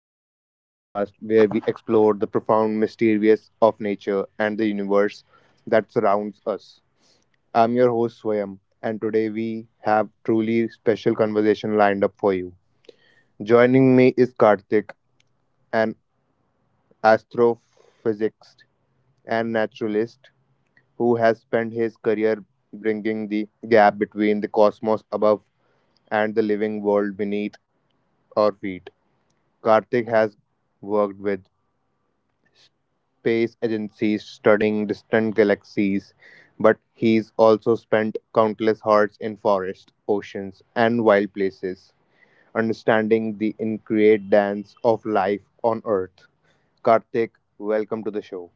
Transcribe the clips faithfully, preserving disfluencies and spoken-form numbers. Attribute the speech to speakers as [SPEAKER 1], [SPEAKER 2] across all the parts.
[SPEAKER 1] welcome to the podcast where we explore the profound mysterious of nature and the universe that surrounds us. I'm your host, Swayam, and today we have truly special conversation lined up for you. Joining me is Karthik, an astrophysicist and naturalist who has spent his career bringing the gap between the cosmos above and the living world beneath our feet. Karthik has worked with space agencies studying distant galaxies, but he's also spent countless hours in forests, oceans, and wild places, understanding the intricate dance of life on Earth. Karthik, welcome to the show.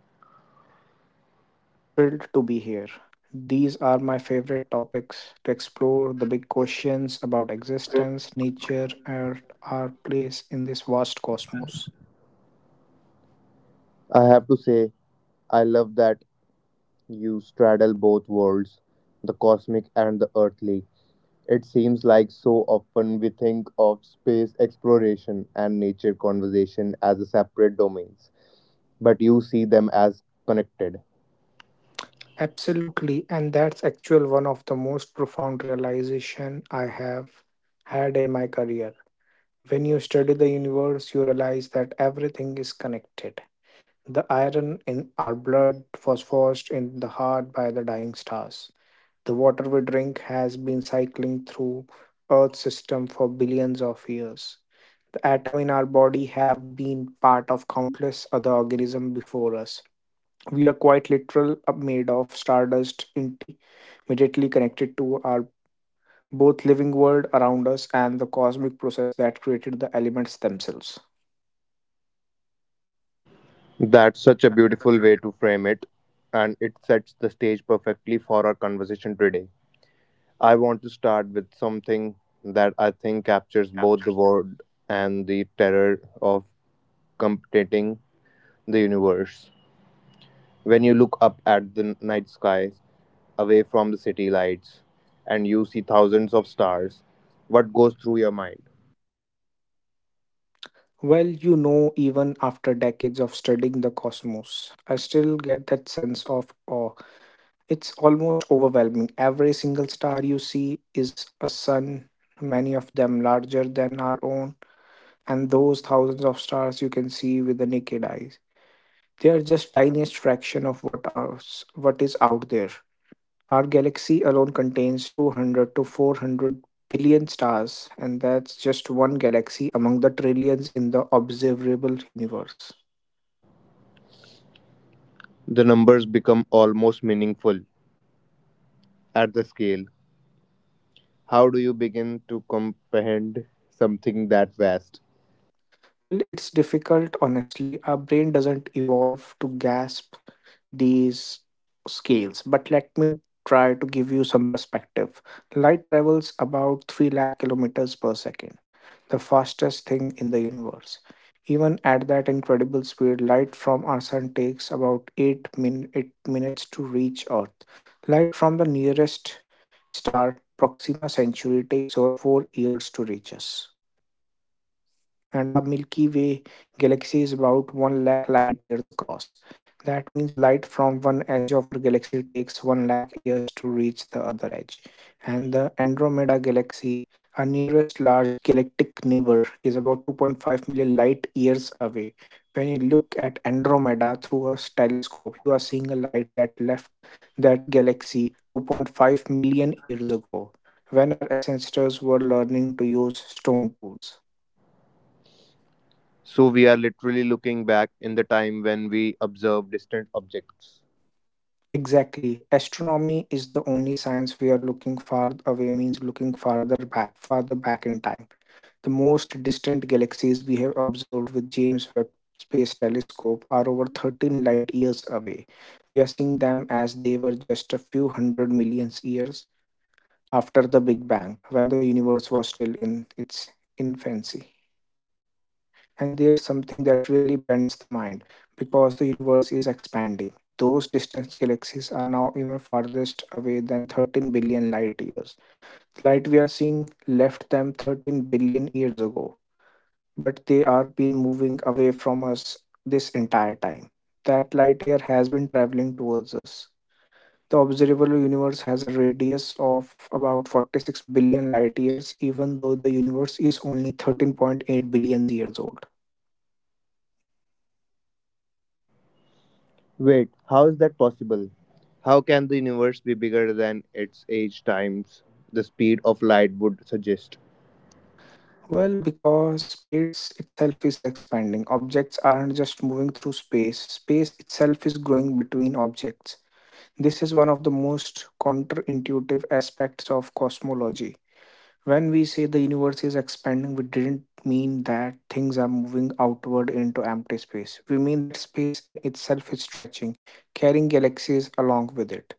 [SPEAKER 2] Thank you so much, Swayam. I'm thrilled to be here. These are my favorite topics to explore the big questions about existence, nature, and our place in this vast cosmos.
[SPEAKER 1] I have to say, I love that you straddle both worlds, the cosmic and the earthly. It seems like so often we think of space exploration and nature conservation as a separate domains, but you see them as connected.
[SPEAKER 2] Absolutely, and that's actually one of the most profound realization I have had in my career. When you study the universe, you realize that everything is connected. The iron in our blood was forced in the heart by the dying stars. The water we drink has been cycling through Earth's system for billions of years. The atom in our body have been part of countless other organisms before us. We are quite literal uh, made of stardust, intimately connected to our both living world around us and the cosmic process that created the elements themselves.
[SPEAKER 1] That's such a beautiful way to frame it, and it sets the stage perfectly for our conversation today. I want to start with something that I think captures both the word and the terror of completing the universe. When you look up at the night sky, away from the city lights, and you see thousands of stars, what goes through your mind?
[SPEAKER 2] Well, you know, even after decades of studying the cosmos, I still get that sense of awe. It's almost overwhelming. Every single star you see is a sun, many of them larger than our own, and those thousands of stars you can see with the naked eyes, they are just tiniest fraction of what ours, what is out there. Our galaxy alone contains two hundred to four hundred billion stars, and that's just one galaxy among the trillions in the observable universe.
[SPEAKER 1] The numbers become almost meaningful at the scale. How do you begin to comprehend something that vast?
[SPEAKER 2] Well, it's difficult, honestly. Our brain doesn't evolve to gasp these scales, but let me try to give you some perspective. Light travels about three lakh kilometers per second, the fastest thing in the universe. Even at that incredible speed, light from our sun takes about eight min eight minutes to reach earth. Light from the nearest star, proxima Centauri, takes over four years to reach us, and our Milky Way galaxy is about one lakh light years across. That means light from one edge of our galaxy takes one lakh years to reach the other edge. And the Andromeda galaxy, our nearest large galactic neighbor, is about two point five million light years away. When you look at Andromeda through a telescope, you are seeing a light that left that galaxy two point five million years ago, when our ancestors were learning to use stone tools.
[SPEAKER 1] So, we are literally looking back in the time when we observe distant objects.
[SPEAKER 2] Exactly. Astronomy is the only science where looking far away means looking farther back, farther back in time. The most distant galaxies we have observed with James Webb Space Telescope are over thirteen light years away. We are seeing them as they were just a few hundred millions years after the Big Bang, when the universe was still in its infancy. And there's something that really bends the mind because the universe is expanding. Those distant galaxies are now even farthest away than thirteen billion light years. The light we are seeing left them thirteen billion years ago, but they are been moving away from us this entire time. That light year has been traveling towards us. The observable universe has a radius of about forty-six billion light years, even though the universe is only thirteen point eight billion years old.
[SPEAKER 1] Wait, how is that possible? How can the universe be bigger than its age times the speed of light would suggest?
[SPEAKER 2] Well, because space itself is expanding. Objects aren't just moving through space, space itself is growing between objects. This is one of the most counterintuitive aspects of cosmology. When we say the universe is expanding, we didn't mean that things are moving outward into empty space. We mean that space in itself is stretching, carrying galaxies along with it.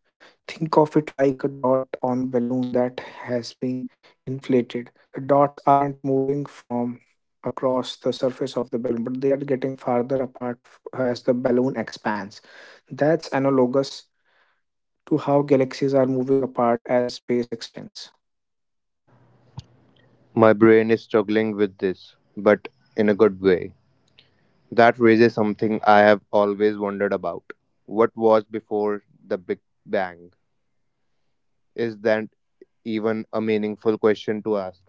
[SPEAKER 2] Think of it like a dot on balloon that has been inflated. The dots aren't moving from across the surface of the balloon, but they are getting farther apart f- as the balloon expands. That's analogous to how galaxies are moving apart as space extends.
[SPEAKER 1] My brain is struggling with this, but in a good way. That raises something I have always wondered about. What was before the Big Bang? Is that even a meaningful question to ask?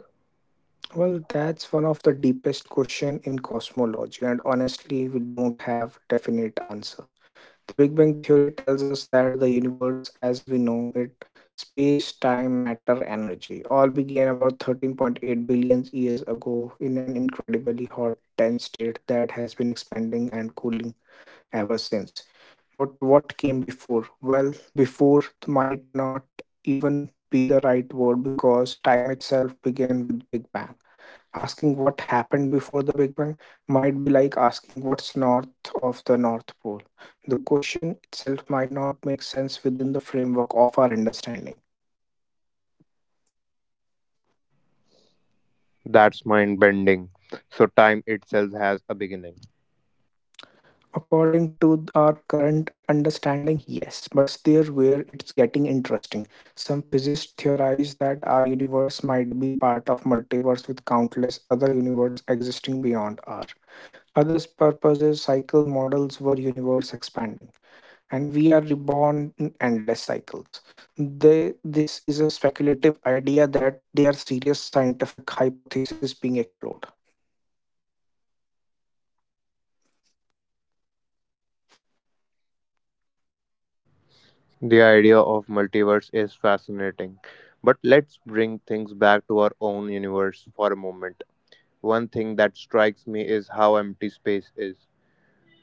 [SPEAKER 2] Well, that's one of the deepest question in cosmology, and honestly, we don't have definite answer. The Big Bang theory tells us that the universe as we know it, space, time, matter, energy, all began about thirteen point eight billion years ago in an incredibly hot, dense state that has been expanding and cooling ever since. But what came before? Well, before might not even be the right word because time itself began with Big Bang. Asking what happened before the Big Bang might be like asking what's north of the North Pole. The question itself might not make sense within the framework of our understanding.
[SPEAKER 1] That's mind bending. So, time itself has a beginning.
[SPEAKER 2] According to our current understanding, yes, but there where it's getting interesting. Some physicists theorize that our universe might be part of multiverse with countless other universes existing beyond our. Others purposes cycle models were universe expanding and we are reborn in endless cycles. They, this is a speculative idea that they are serious scientific hypothesis being explored.
[SPEAKER 1] The idea of multiverse is fascinating. But let's bring things back to our own universe for a moment. One thing that strikes me is how empty space is.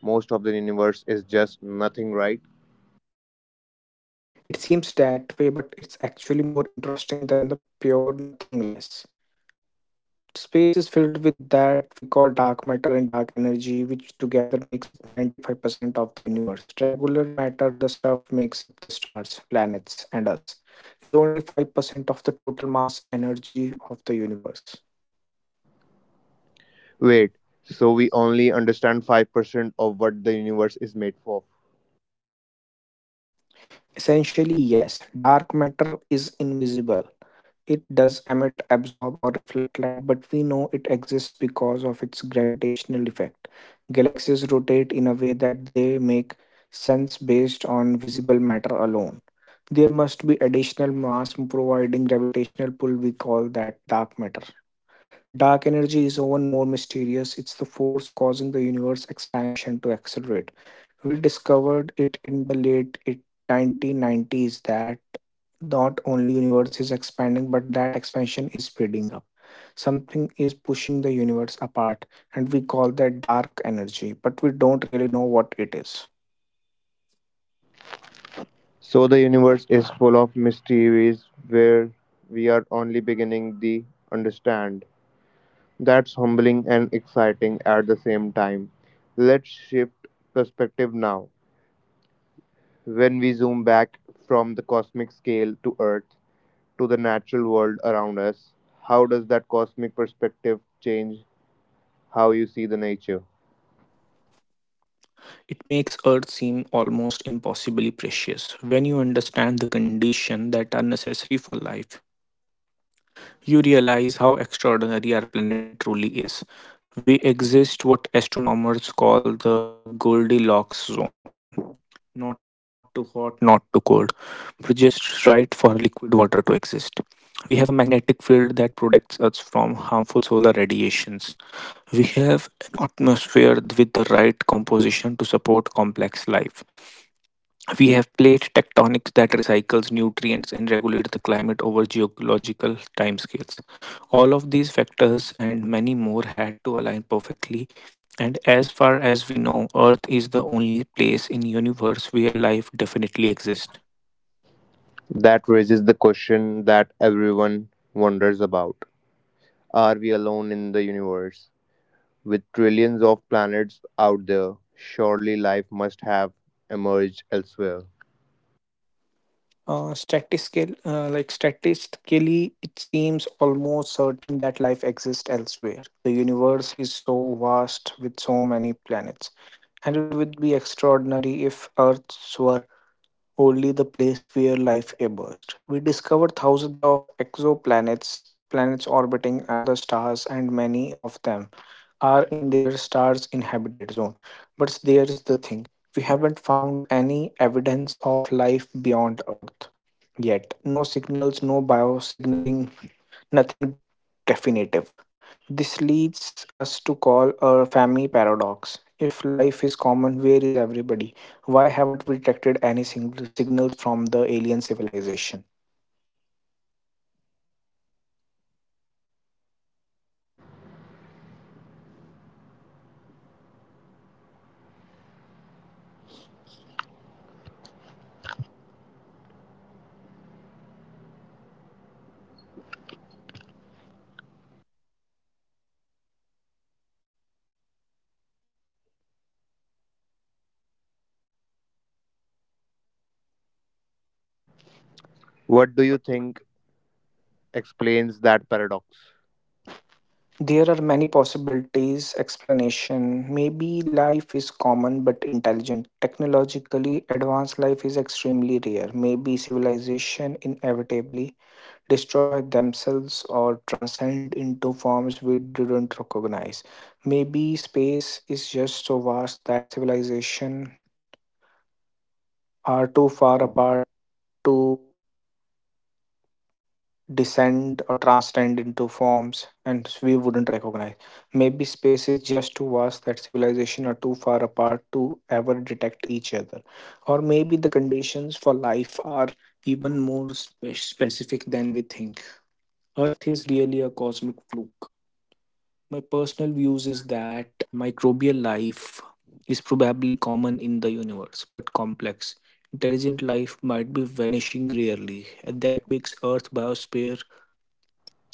[SPEAKER 1] Most of the universe is just nothing, right?
[SPEAKER 2] It seems that way, but it's actually more interesting than the pure nothingness. Space is filled with that we call dark matter and dark energy, which together makes up ninety-five percent of the universe. Regular matter, the stuff makes up the stars, planets, and us, is only five percent of the total mass energy of the universe.
[SPEAKER 1] Wait, so we only understand five percent of what the universe is made for.
[SPEAKER 2] Essentially, yes, dark matter is invisible. It does emit, absorb, or reflect light, but we know it exists because of its gravitational effect. Galaxies rotate in a way that they make sense based on visible matter alone. There must be additional mass providing gravitational pull, we call that dark matter. Dark energy is even more mysterious. It's the force causing the universe expansion to accelerate. We discovered it in the late it- nineteen nineties that not only universe is expanding but that expansion is speeding up. Something is pushing the universe apart and we call that dark energy, but we don't really know what it is.
[SPEAKER 1] So, the universe is full of mysteries where we are only beginning to understand. That's humbling and exciting at the same time. Let's shift perspective now. When we zoom back from the cosmic scale to Earth to the natural world around us, how does that cosmic perspective change how you see the nature?
[SPEAKER 2] It makes Earth seem almost impossibly precious. When you understand the conditions that are necessary for life, you realize how extraordinary our planet truly is. We exist what astronomers call the Goldilocks zone. Not too hot, not too cold, but just right for liquid water to exist. We have a magnetic field that protects us from harmful solar radiations. We have an atmosphere with the right composition to support complex life. We have plate tectonics that recycles nutrients and regulates the climate over geological timescales. All of these factors and many more had to align perfectly, and as far as we know earth is the only place in universe where life definitely exists.
[SPEAKER 1] That raises the question that everyone wonders about. Are we alone in the universe? With trillions of planets out there, surely life must have emerged elsewhere.
[SPEAKER 2] Uh, statistically, uh, like statistically, it seems almost certain that life exists elsewhere. The universe is so vast with so many planets, and it would be extraordinary if Earths were only the place where life emerged. We discovered thousands of exoplanets, planets orbiting other stars, and many of them are in their star's inhabited zone. But there is the thing, we haven't found any evidence of life beyond Earth yet. No signals, no biosignaling, nothing definitive. This leads us to call a family paradox. If life is common, where is everybody? Why haven't we detected any sing- signals from the alien civilization?
[SPEAKER 3] What do you think explains that paradox?
[SPEAKER 2] There are many possibilities, explanation. Maybe life is common but intelligent. Technologically advanced life is extremely rare. Maybe civilization inevitably destroy themselves or transcend into forms we didn't recognize. Maybe space is just so vast that civilizations are too far apart to descend or transcend into forms and we wouldn't recognize. Maybe space is just too vast that civilizations are too far apart to ever detect each other. Or maybe the conditions for life are even more spe- specific than we think. Earth is really a cosmic fluke. My personal views is that microbial life is probably common in the universe, but complex. Intelligent life might be vanishing rarely, and that makes Earth biosphere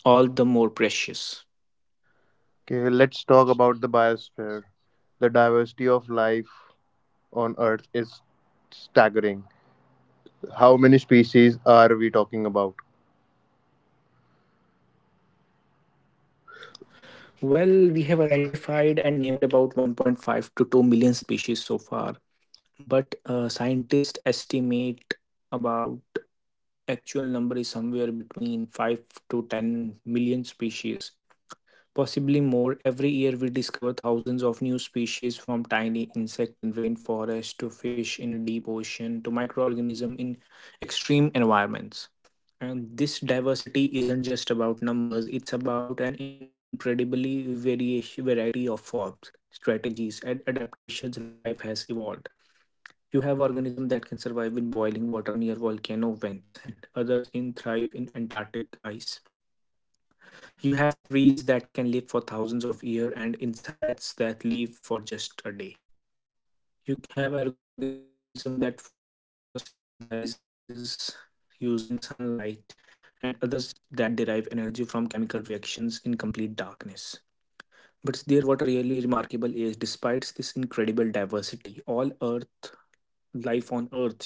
[SPEAKER 2] all the more precious.
[SPEAKER 3] Okay, let's talk about the biosphere. The diversity of life on Earth is staggering. How many species are we talking about?
[SPEAKER 2] Well, we have identified and named about one point five to two million species so far, but uh, scientists estimate about actual number is somewhere between five to ten million species. Possibly more, every year we discover thousands of new species, from tiny insect in rainforest to fish in a deep ocean to microorganisms in extreme environments. And this diversity isn't just about numbers, it's about an incredibly variation, variety of forms, strategies, and adaptations life has evolved. You have organisms that can survive in boiling water near volcano vents, and others in thrive in Antarctic ice. You have trees that can live for thousands of years and insects that live for just a day. You have organisms that photosynthesize using sunlight and others that derive energy from chemical reactions in complete darkness. But there what really remarkable is despite this incredible diversity, all earth life on earth shares the same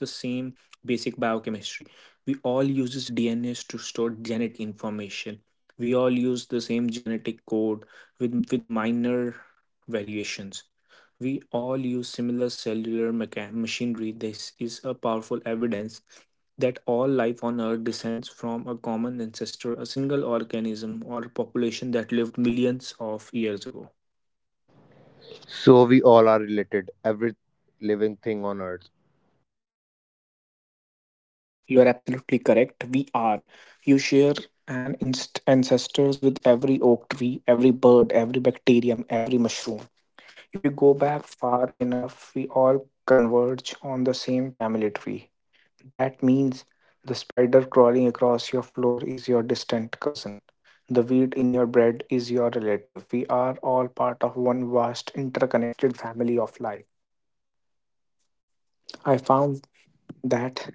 [SPEAKER 2] basic biochemistry. We all uses dnas to store genetic information, we all use the same genetic code with with minor variations, we all use similar cellular mecha- machinery. This is a powerful evidence that all life on earth descends from a common ancestor, a single organism or population that lived millions of years ago.
[SPEAKER 3] So we all are related, every living thing on Earth.
[SPEAKER 2] You are absolutely correct. We are. You share an inst- ancestors with every oak tree, every bird, every bacterium, every mushroom. If you go back far enough, we all converge on the same family tree. That means the spider crawling across your floor is your distant cousin. The weed in your bread is your relative. We are all part of one vast interconnected family of life. I found that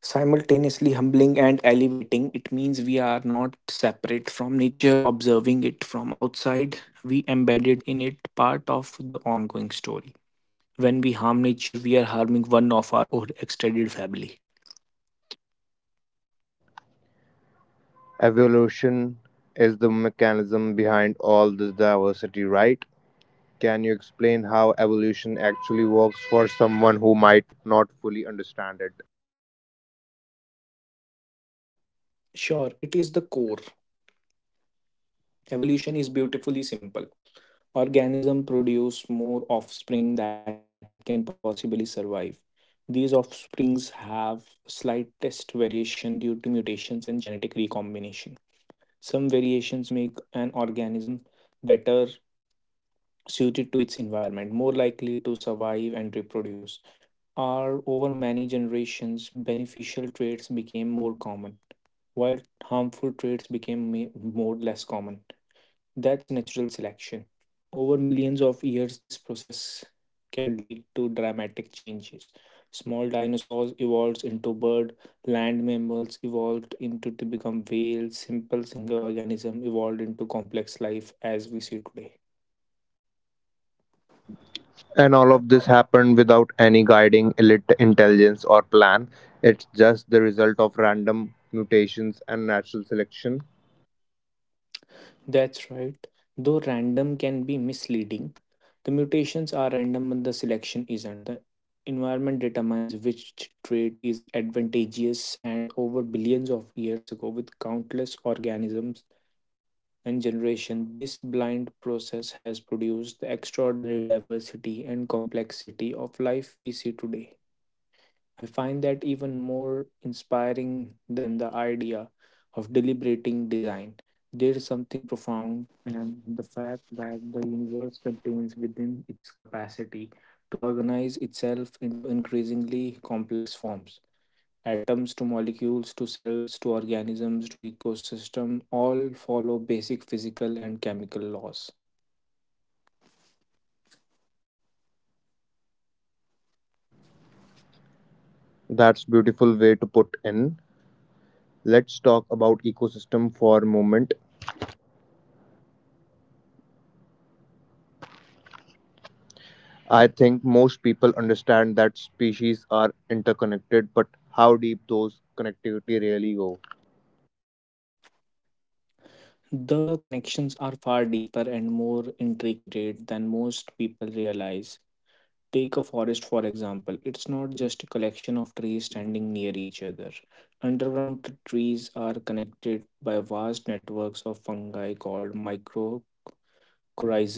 [SPEAKER 2] simultaneously humbling and elevating. It means we are not separate from nature, observing it from outside. We embedded in it part of the ongoing story. When we harm nature, we are harming one of our own extended family.
[SPEAKER 3] Evolution is the mechanism behind all this diversity, right? Can you explain how evolution actually works for someone who might not fully understand it?
[SPEAKER 2] Sure, it is the core. Evolution is beautifully simple. Organism produce more offspring that can possibly survive. These offsprings have slightest variation due to mutations and genetic recombination. Some variations make an organism better suited to its environment, more likely to survive and reproduce. Are over many generations, beneficial traits became more common, while harmful traits became me- more less common. That's natural selection. Over millions of years, this process can lead to dramatic changes. Small dinosaurs evolved into bird, land mammals evolved into to become whales, simple single organism evolved into complex life as we see today.
[SPEAKER 3] And all of this happened without any guiding elite intelligence or plan. It's just the result of random mutations and natural selection.
[SPEAKER 2] That's right. Though random can be misleading, the mutations are random but the selection isn't. The environment determines which trait is advantageous, and over billions of years ago, with countless organisms and generations, this blind process has produced the extraordinary diversity and complexity of life we see today. I find that even more inspiring than the idea of deliberating design. There is something profound and the fact that the universe contains within its capacity to organize itself into increasingly complex forms. Atoms to molecules to cells to organisms to ecosystem all follow basic physical and chemical laws.
[SPEAKER 3] That's beautiful way to put in. Let's talk about ecosystem for a moment. I think most people understand that species are interconnected, but how deep those connectivity really go.
[SPEAKER 2] The connections are far deeper and more intricate than most people realize. Take a forest for example. It's not just a collection of trees standing near each other. Underground t- trees are connected by vast networks of fungi called mycorrhizal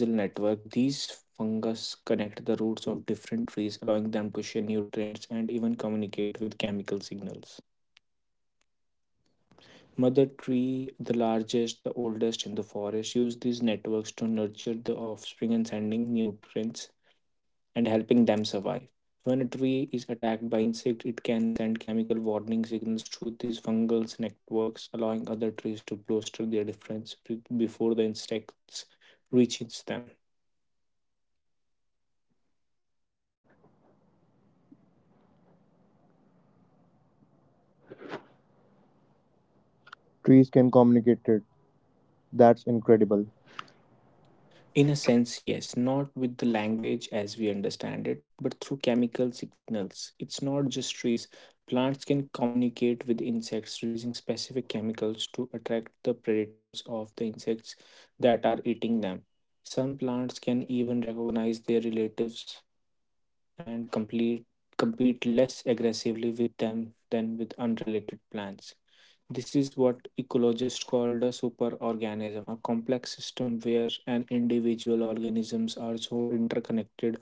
[SPEAKER 2] network. These fungus connect the roots of different trees, allowing them to share nutrients and even communicate with chemical signals. Mother tree, the largest, the oldest in the forest, use these networks to nurture the offspring and sending nutrients and helping them survive. When a tree is attacked by insect, it can send chemical warning signals through these fungal networks, allowing other trees to bolster their defense be- before the insects reaches them.
[SPEAKER 3] Trees can communicate it. That's incredible.
[SPEAKER 2] In a sense, yes, not with the language as we understand it, but through chemical signals. It's not just trees. Plants can communicate with insects, releasing specific chemicals to attract the predators of the insects that are eating them. Some plants can even recognize their relatives and complete, compete less aggressively with them than with unrelated plants. This is what ecologists call the superorganism, a complex system where an individual organisms are so interconnected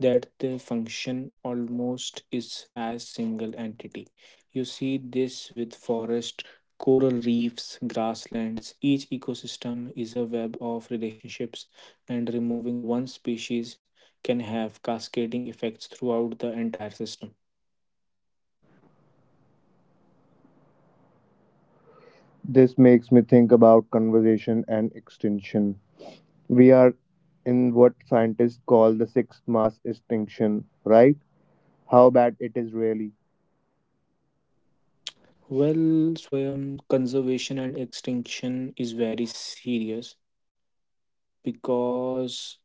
[SPEAKER 2] that they function almost is as single entity. You see this with forest, coral reefs, grasslands. Each ecosystem is a web of relationships, and removing one species can have cascading effects throughout the entire system.
[SPEAKER 3] This makes me think about conservation and extinction. We are in what scientists call the sixth mass extinction, right? How bad it is really.
[SPEAKER 2] Well, Swayam, conservation and extinction is very serious because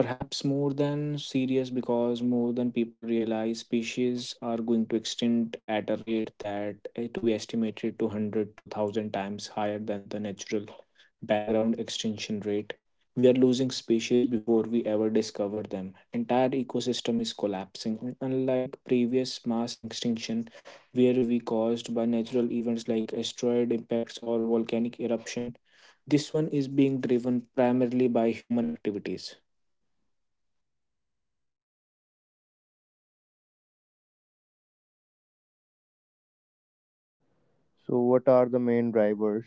[SPEAKER 2] perhaps more than serious because more than people realize species are going to extinct at a rate that eh, to be estimated to one hundred to one thousand times higher than the natural background extinction rate. We are losing species before we ever discover them. Entire ecosystem is collapsing, and unlike previous mass extinction where we caused by natural events like asteroid impacts or volcanic eruption, this one is being driven primarily by human activities.
[SPEAKER 3] So, what are the main drivers?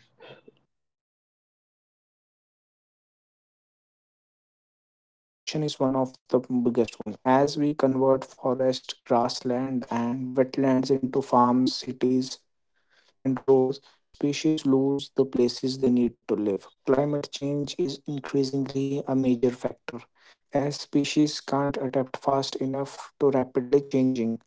[SPEAKER 2] Well, habit destruction is one of the biggest one. As we convert forest, grassland, and wetlands into farms, cities, and roads, species lose the places they need to live. Climate change is increasingly a major factor, as species can't adapt fast enough to rapidly changing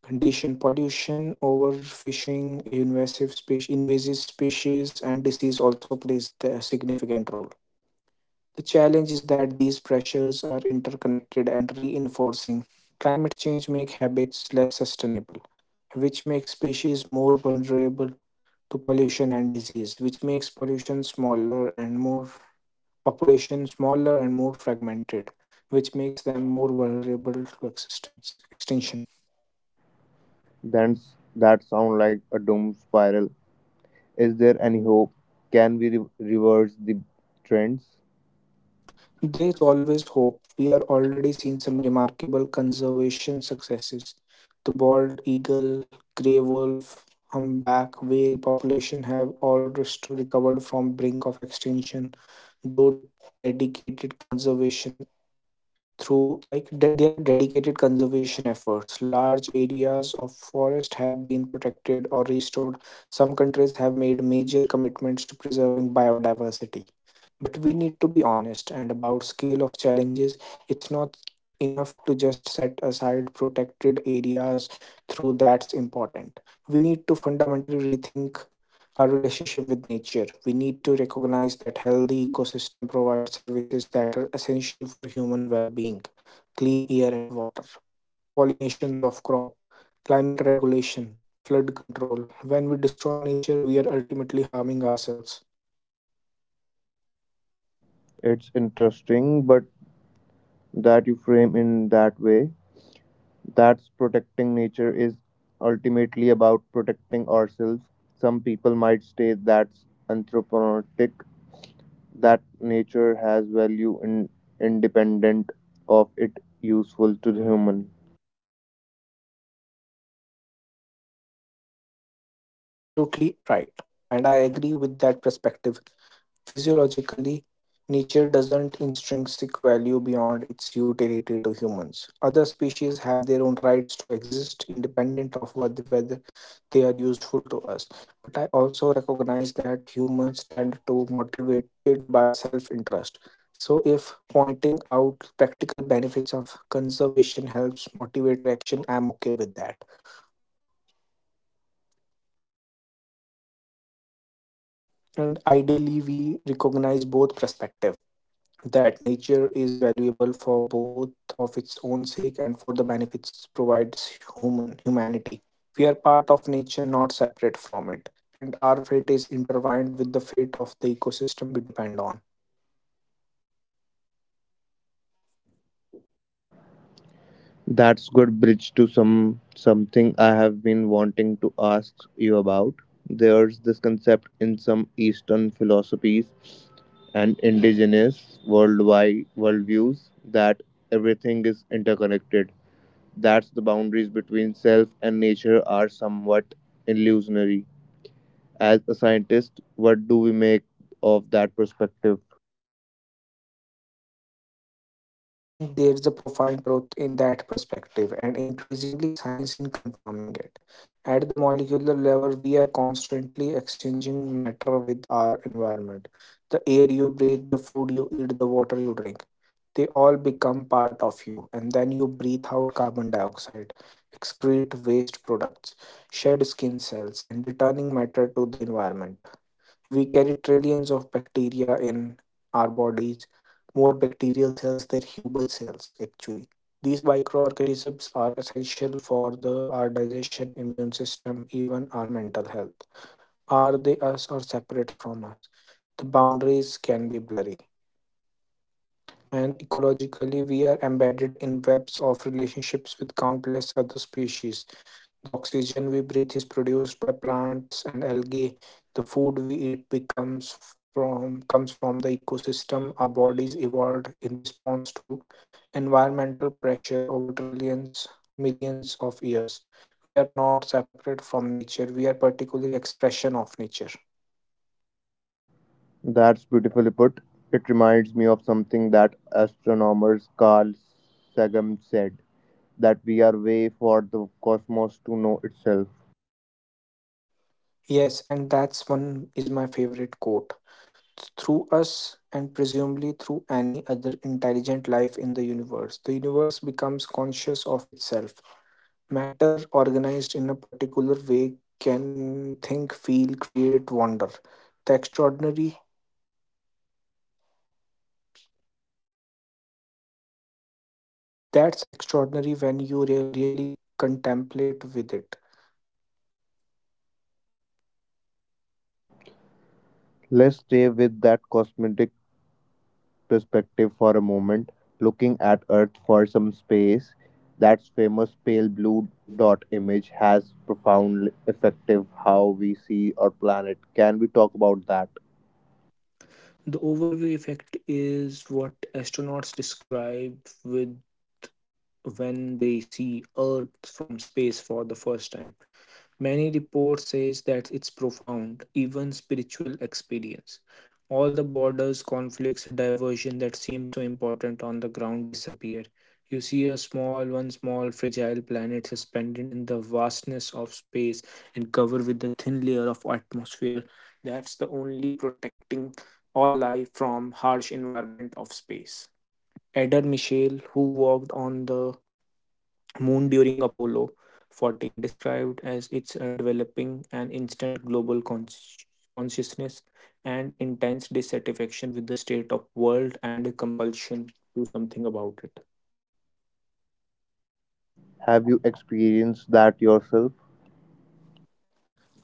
[SPEAKER 2] condition. Pollution, overfishing, invasive species invasive species, and disease also plays a significant role. The challenge is that these pressures are interconnected and reinforcing. Climate change makes habits less sustainable, which makes species more vulnerable to pollution and disease, which makes pollution smaller and more population smaller and more fragmented, which makes them more vulnerable to existence extinction.
[SPEAKER 3] Then that sound like a doom spiral. Is there any hope? Can we re- reverse the trends?
[SPEAKER 2] There's always hope. We are already seeing some remarkable conservation successes. The bald eagle, grey wolf, humpback whale population have all rest- recovered from brink of extinction, though dedicated conservation through like de- there are dedicated conservation efforts. Large areas of forest have been protected or restored. Some countries have made major commitments to preserving biodiversity, but we need to be honest and about scale of challenges. It's not enough to just set aside protected areas through that's important. We need to fundamentally rethink our relationship with nature. We need to recognize that healthy ecosystem provides services that are essential for human well-being, clean air and water, pollinations of crop, climate regulation, flood control. When we destroy nature, we are ultimately harming ourselves.
[SPEAKER 3] It's interesting, but that you frame in that way. That's protecting nature is ultimately about protecting ourselves. Some people might say that's anthropomorphic, that nature has value in, independent of it useful to the human.
[SPEAKER 2] You're absolutely right, and I agree with that perspective. Physiologically, nature doesn't intrinsic value beyond its utility to humans. Other species have their own rights to exist independent of what, whether they are useful to us. But I also recognize that humans tend to motivated by self-interest. So if pointing out practical benefits of conservation helps motivate action, I'm okay with that. And ideally we recognize both perspective that nature is valuable for both of its own sake and for the benefits it provides human humanity. We are part of nature, not separate from it, and our fate is intertwined with the fate of the ecosystem we depend on.
[SPEAKER 3] That's good bridge to some something I have been wanting to ask you about. There's this concept in some eastern philosophies and indigenous worldwide worldviews that everything is interconnected, that's the boundaries between self and nature are somewhat illusionary. As a scientist, what do we make of that perspective?
[SPEAKER 2] Well, I think there is a profound truth in that perspective, and increasingly science in confirming it. At the molecular level, we are constantly exchanging matter with our environment. The air you breathe, the food you eat, the water you drink, they all become part of you, and then you breathe out carbon dioxide, excrete waste products, shed skin cells, and returning matter to the environment. We carry trillions of bacteria in our bodies, more bacterial cells than human cells actually. These microorganisms are essential for the our digestion, immune system, even our mental health. Are they us or separate from us? The boundaries can be blurry. And ecologically we are embedded in webs of relationships with countless other species. The oxygen we breathe is produced by plants and algae. The food we eat becomes from comes from the ecosystem. Our bodies evolved in response to environmental pressure over trillions, millions of years. We are not separate from nature. We are particularly expression of nature.
[SPEAKER 3] That's beautifully put. It reminds me of something that astronomers Carl Sagan said, that we are way for the cosmos to know itself.
[SPEAKER 2] Yes, and that's one is my favorite quote. Through us and presumably through any other intelligent life in the universe, the universe becomes conscious of itself. Matter organized in a particular way can think, feel, create wonder. The extraordinary, that's extraordinary when you re- really contemplate with it.
[SPEAKER 3] Let's stay with that cosmetic perspective for a moment, looking at Earth for some space. That famous pale blue dot image has profound effect of how we see our planet. Can we talk about that?
[SPEAKER 2] The overview effect is what astronauts describe with when they see Earth from space for the first time. Many reports says that it's profound, even spiritual experience. All the borders, conflicts, diversion that seem so important on the ground disappear. You see a small, one small, fragile planet suspended in the vastness of space and covered with a thin layer of atmosphere. That's the only protecting all life from harsh environment of space. Eder Michel, who walked on the moon during Apollo fourteen, described as its uh, developing an instant global cons- consciousness and intense dissatisfaction with the state of world and a compulsion to something about it.
[SPEAKER 3] Have you experienced that yourself?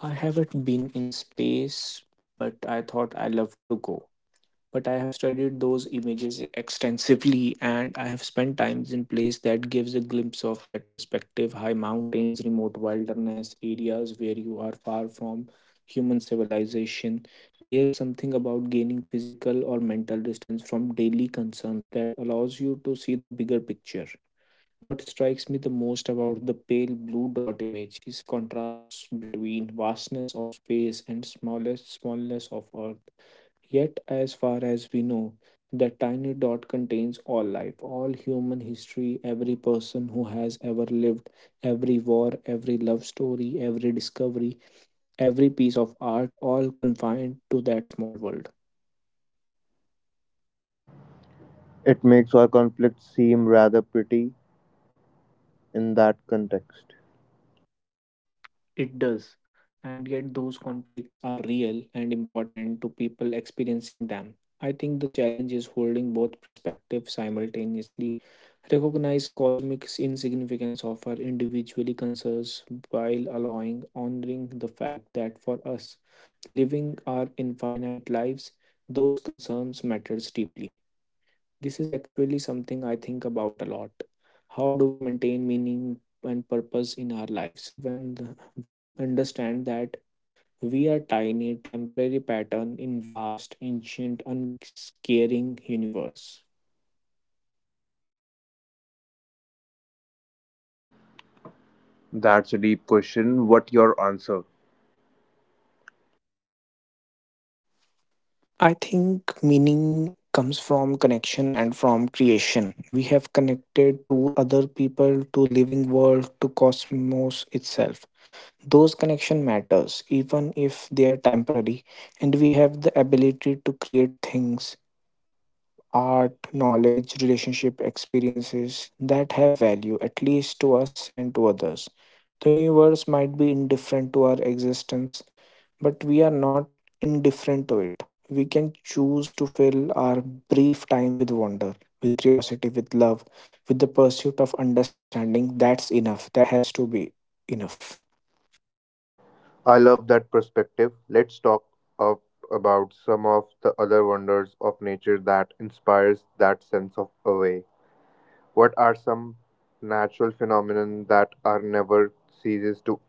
[SPEAKER 2] I haven't been in space, but I thought I love to go. But I have studied those images extensively, and I have spent times in place that gives a glimpse of that perspective, high mountains, remote wilderness, areas where you are far from human civilization. There's something about gaining physical or mental distance from daily concerns that allows you to see the bigger picture. What strikes me the most about the pale blue dot image is contrasts between vastness of space and smallest smallness of earth. Yet, as far as we know, that tiny dot contains all life, all human history, every person who has ever lived, every war, every love story, every discovery, every piece of art, all confined to that small world.
[SPEAKER 3] It makes our conflict seem rather pretty in that context.
[SPEAKER 2] It does. And yet, those conflicts are real and important to people experiencing them. I think the challenge is holding both perspectives simultaneously. Recognize cosmic insignificance of our individually concerns while allowing, honoring the fact that for us, living our infinite lives, those concerns matters deeply. This is actually something I think about a lot. How do we maintain meaning and purpose in our lives when the- we understand that we are tiny, temporary pattern in vast, ancient, unscaring universe?
[SPEAKER 3] That's a deep question. What your answer?
[SPEAKER 2] I think meaning comes from connection and from creation. We have connected to other people, to living world, to cosmos itself. Those connection matters even if they are temporary, and we have the ability to create things, art knowledge relationship experiences that have value at least to us and to others. The universe might be indifferent to our existence, but we are not indifferent to it. We can choose to fill our brief time with wonder, with curiosity, with love, with the pursuit of understanding. That's enough. That has to be enough.
[SPEAKER 3] I love that perspective. Let's talk up about some of the other wonders of nature that inspires that sense of awe. What are some natural phenomena that are never ceases to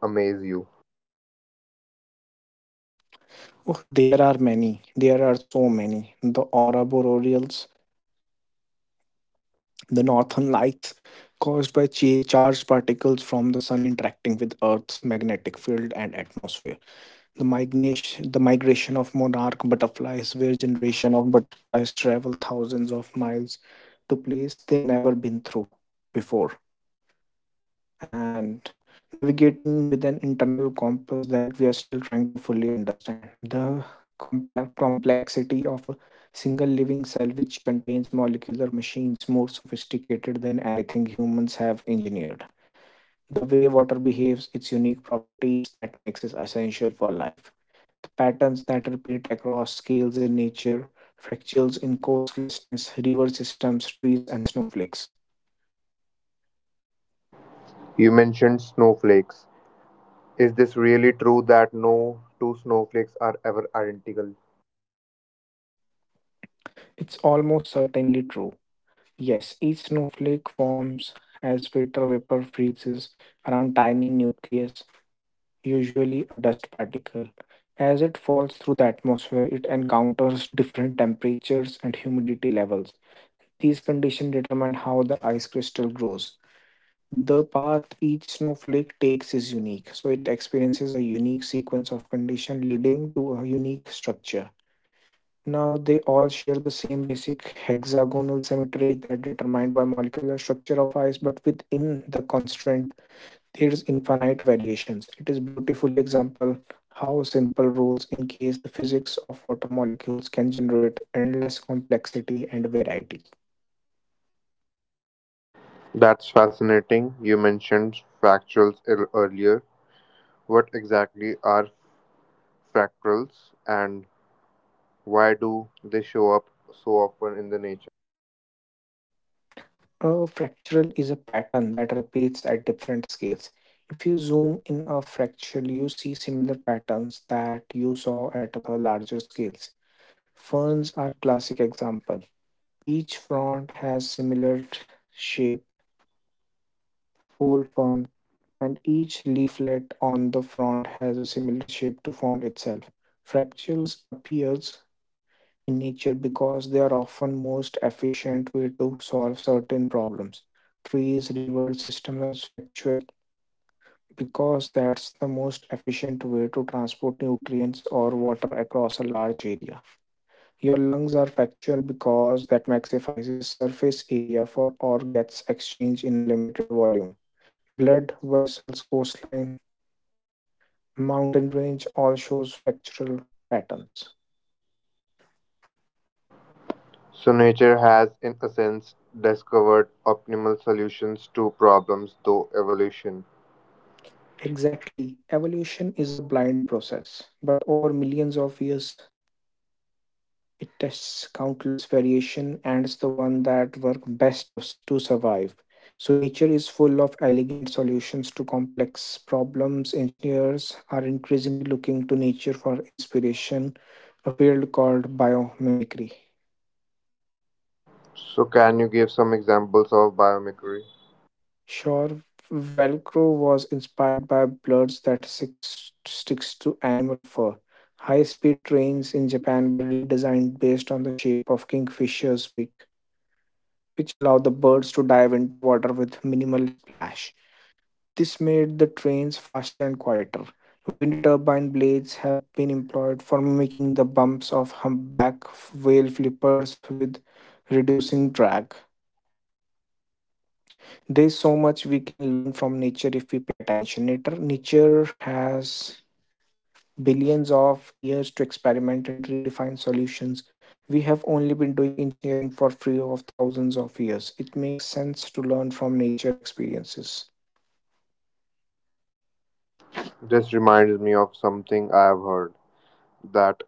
[SPEAKER 3] amaze you?
[SPEAKER 2] Oh, there are many. There are so many. The aurora boreals, the northern lights, caused by cha- charged particles from the sun interacting with Earth's magnetic field and atmosphere. The migration, the migration of monarch butterflies, where generation of butterflies travel thousands of miles to place they never been through before. And navigating with an internal compass that we are still trying to fully understand. The compa- complexity of a single living cell, which contains molecular machines more sophisticated than anything humans have engineered. The way water behaves, its unique properties that makes it essential for life. The patterns that repeat across scales in nature, fractals in coastlessness, river systems, trees, and snowflakes.
[SPEAKER 3] You mentioned snowflakes. Is this really true that no two snowflakes are ever identical?
[SPEAKER 2] It's almost certainly true. Yes, each snowflake forms as water vapor freezes around tiny nucleus, usually a dust particle. As it falls through the atmosphere, it encounters different temperatures and humidity levels. These conditions determine how the ice crystal grows. The path each snowflake takes is unique, so it experiences a unique sequence of conditions leading to a unique structure. Now they all share the same basic hexagonal symmetry that determined by molecular structure of ice, but within the constraint there is infinite variations. It is beautifully example how simple rules in case the physics of water molecules can generate endless complexity and variety.
[SPEAKER 3] That's fascinating. You mentioned fractals ear- earlier. What exactly are fractals and why do they show up so often in the nature?
[SPEAKER 2] A fractal is a pattern that repeats at different scales. If you zoom in a fractal, you see similar patterns that you saw at the larger scales. Ferns are classic example. Each frond has similar t- shape, whole fern, and each leaflet on the frond has a similar shape to frond itself. Fractals appears in nature because they are often most efficient way to solve certain problems. Trees, rivers, systems are factual because that's the most efficient way to transport nutrients or water across a large area. Your lungs are factual because that maximizes surface area for or gets exchanged in a limited volume. Blood, vessels, coastline, mountain range all shows factual patterns.
[SPEAKER 3] So nature has in a sense discovered optimal solutions to problems through evolution.
[SPEAKER 2] Exactly. Evolution is a blind process, but over millions of years, it tests countless variation and is the one that work best of s- to survive. So nature is full of elegant solutions to complex problems. Engineers are increasingly looking to nature for inspiration, a field called biomimicry.
[SPEAKER 3] So can you give some examples of biomimicry?
[SPEAKER 2] Sure, Velcro was inspired by bloods that six, sticks to animal fur. High speed trains in Japan were redesigned based on the shape of kingfisher's beak, which allowed the birds to dive into water with minimal splash. This made the trains faster and quieter. Wind turbine blades have been employed for mimicking the bumps of humpback whale flippers with reducing drag. There's so much we can learn from nature if we pay attention. Nature, nature has billions of years to experiment and redefine solutions. We have only been doing engineering for free of thousands of years. It makes sense to learn from nature experiences.
[SPEAKER 3] This reminds me of something I have heard, that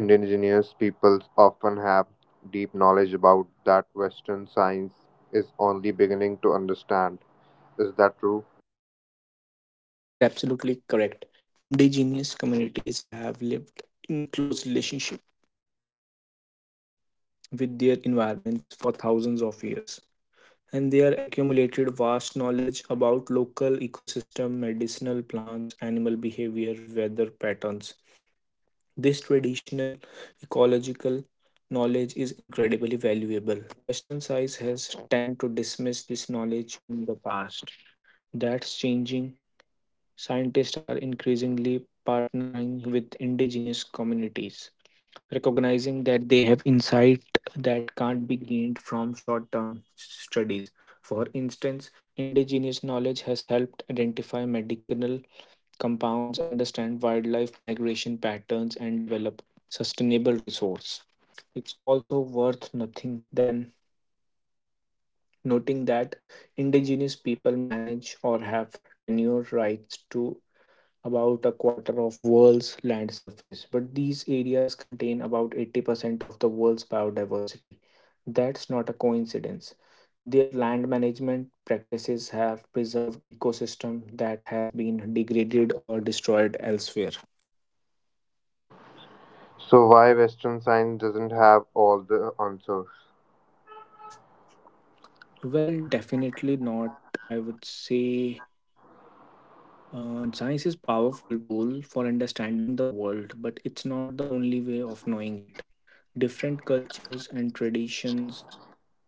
[SPEAKER 3] indigenous peoples often have deep knowledge about that western science is only beginning to understand. Is that true?
[SPEAKER 2] You're absolutely correct. Indigenous communities have lived in close relationship with their environments for thousands of years. And they are accumulated vast knowledge about local ecosystem, medicinal plants, animal behavior, weather patterns. This traditional ecological knowledge is incredibly valuable. Western science has tend to dismiss this knowledge in the past. That's changing. Scientists are increasingly partnering with indigenous communities, recognizing that they have insight that can't be gained from short term studies. For instance, indigenous knowledge has helped identify medicinal compounds, understand wildlife migration patterns, and develop sustainable resource. It's also worth nothing than noting that indigenous people manage or have tenure rights to about a quarter of world's land surface, but these areas contain about eighty percent of the world's biodiversity. That's not a coincidence. Their land management practices have preserved ecosystems that have been degraded or destroyed elsewhere.
[SPEAKER 3] So why western science doesn't have all the answers?
[SPEAKER 2] Well, definitely not. I would say uh, science is powerful tool for understanding the world, but it's not the only way of knowing it. Different cultures and traditions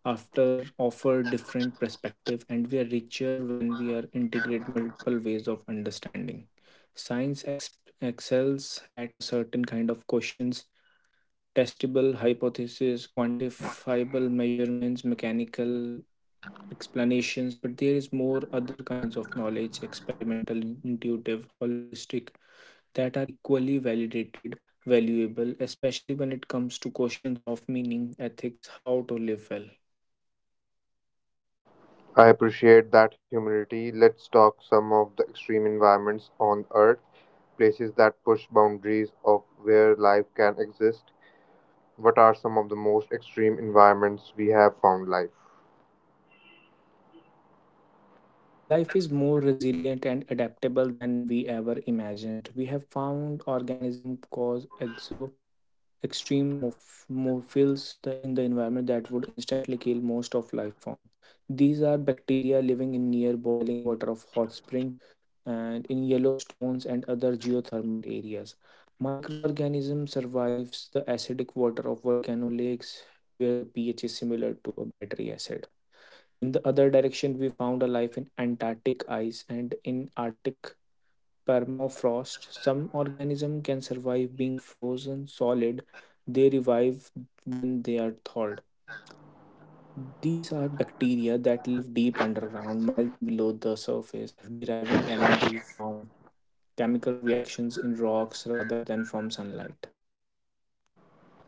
[SPEAKER 2] after offer different perspective, and we are richer when we are integrate multiple ways of understanding. Science ex- excels at a certain kind of questions, testable hypothesis quantifiable measurements mechanical explanations, but there is more other kinds of knowledge, experimental intuitive holistic, that are equally validated valuable, especially when it comes to questions of meaning ethics how to live well.
[SPEAKER 3] I appreciate that humility. Let's talk some of the extreme environments on Earth, places that push boundaries of where life can exist. What are some of the most extreme environments we have found life?
[SPEAKER 2] Life is more resilient and adaptable than we ever imagined. We have found organisms cause exo extreme morph- morphils the- in the environment that would instantly kill most of life form. These are bacteria living in near boiling water of hot spring and in yellow stones and other geothermal areas. Microorganism survives the acidic water of volcano lakes where the pH is similar to a battery acid. In the other direction, we found a life in Antarctic ice and in Arctic permafrost. Some organisms can survive being frozen solid. They revive when they are thawed. These are bacteria that live deep underground, miles below the surface, deriving energy from chemical reactions in rocks rather than from sunlight.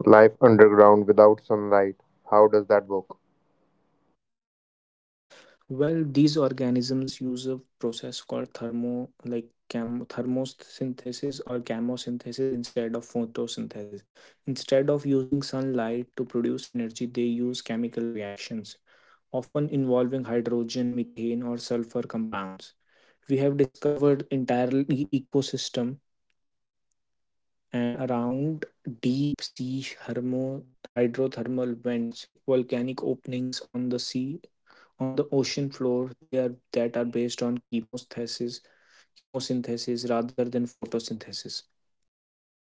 [SPEAKER 3] Life underground without sunlight. How does that work?
[SPEAKER 2] Well, these organisms use a process called thermo like cam thermosynthesis or chemosynthesis instead of photosynthesis. Instead of using sunlight to produce energy, they use chemical reactions, often involving hydrogen, methane, or sulfur compounds. We have discovered entirely ecosystem and around deep sea hermo- hydrothermal vents, volcanic openings on the sea, on the ocean floor, they are that are based on chemosynthesis, chemosynthesis rather than photosynthesis. These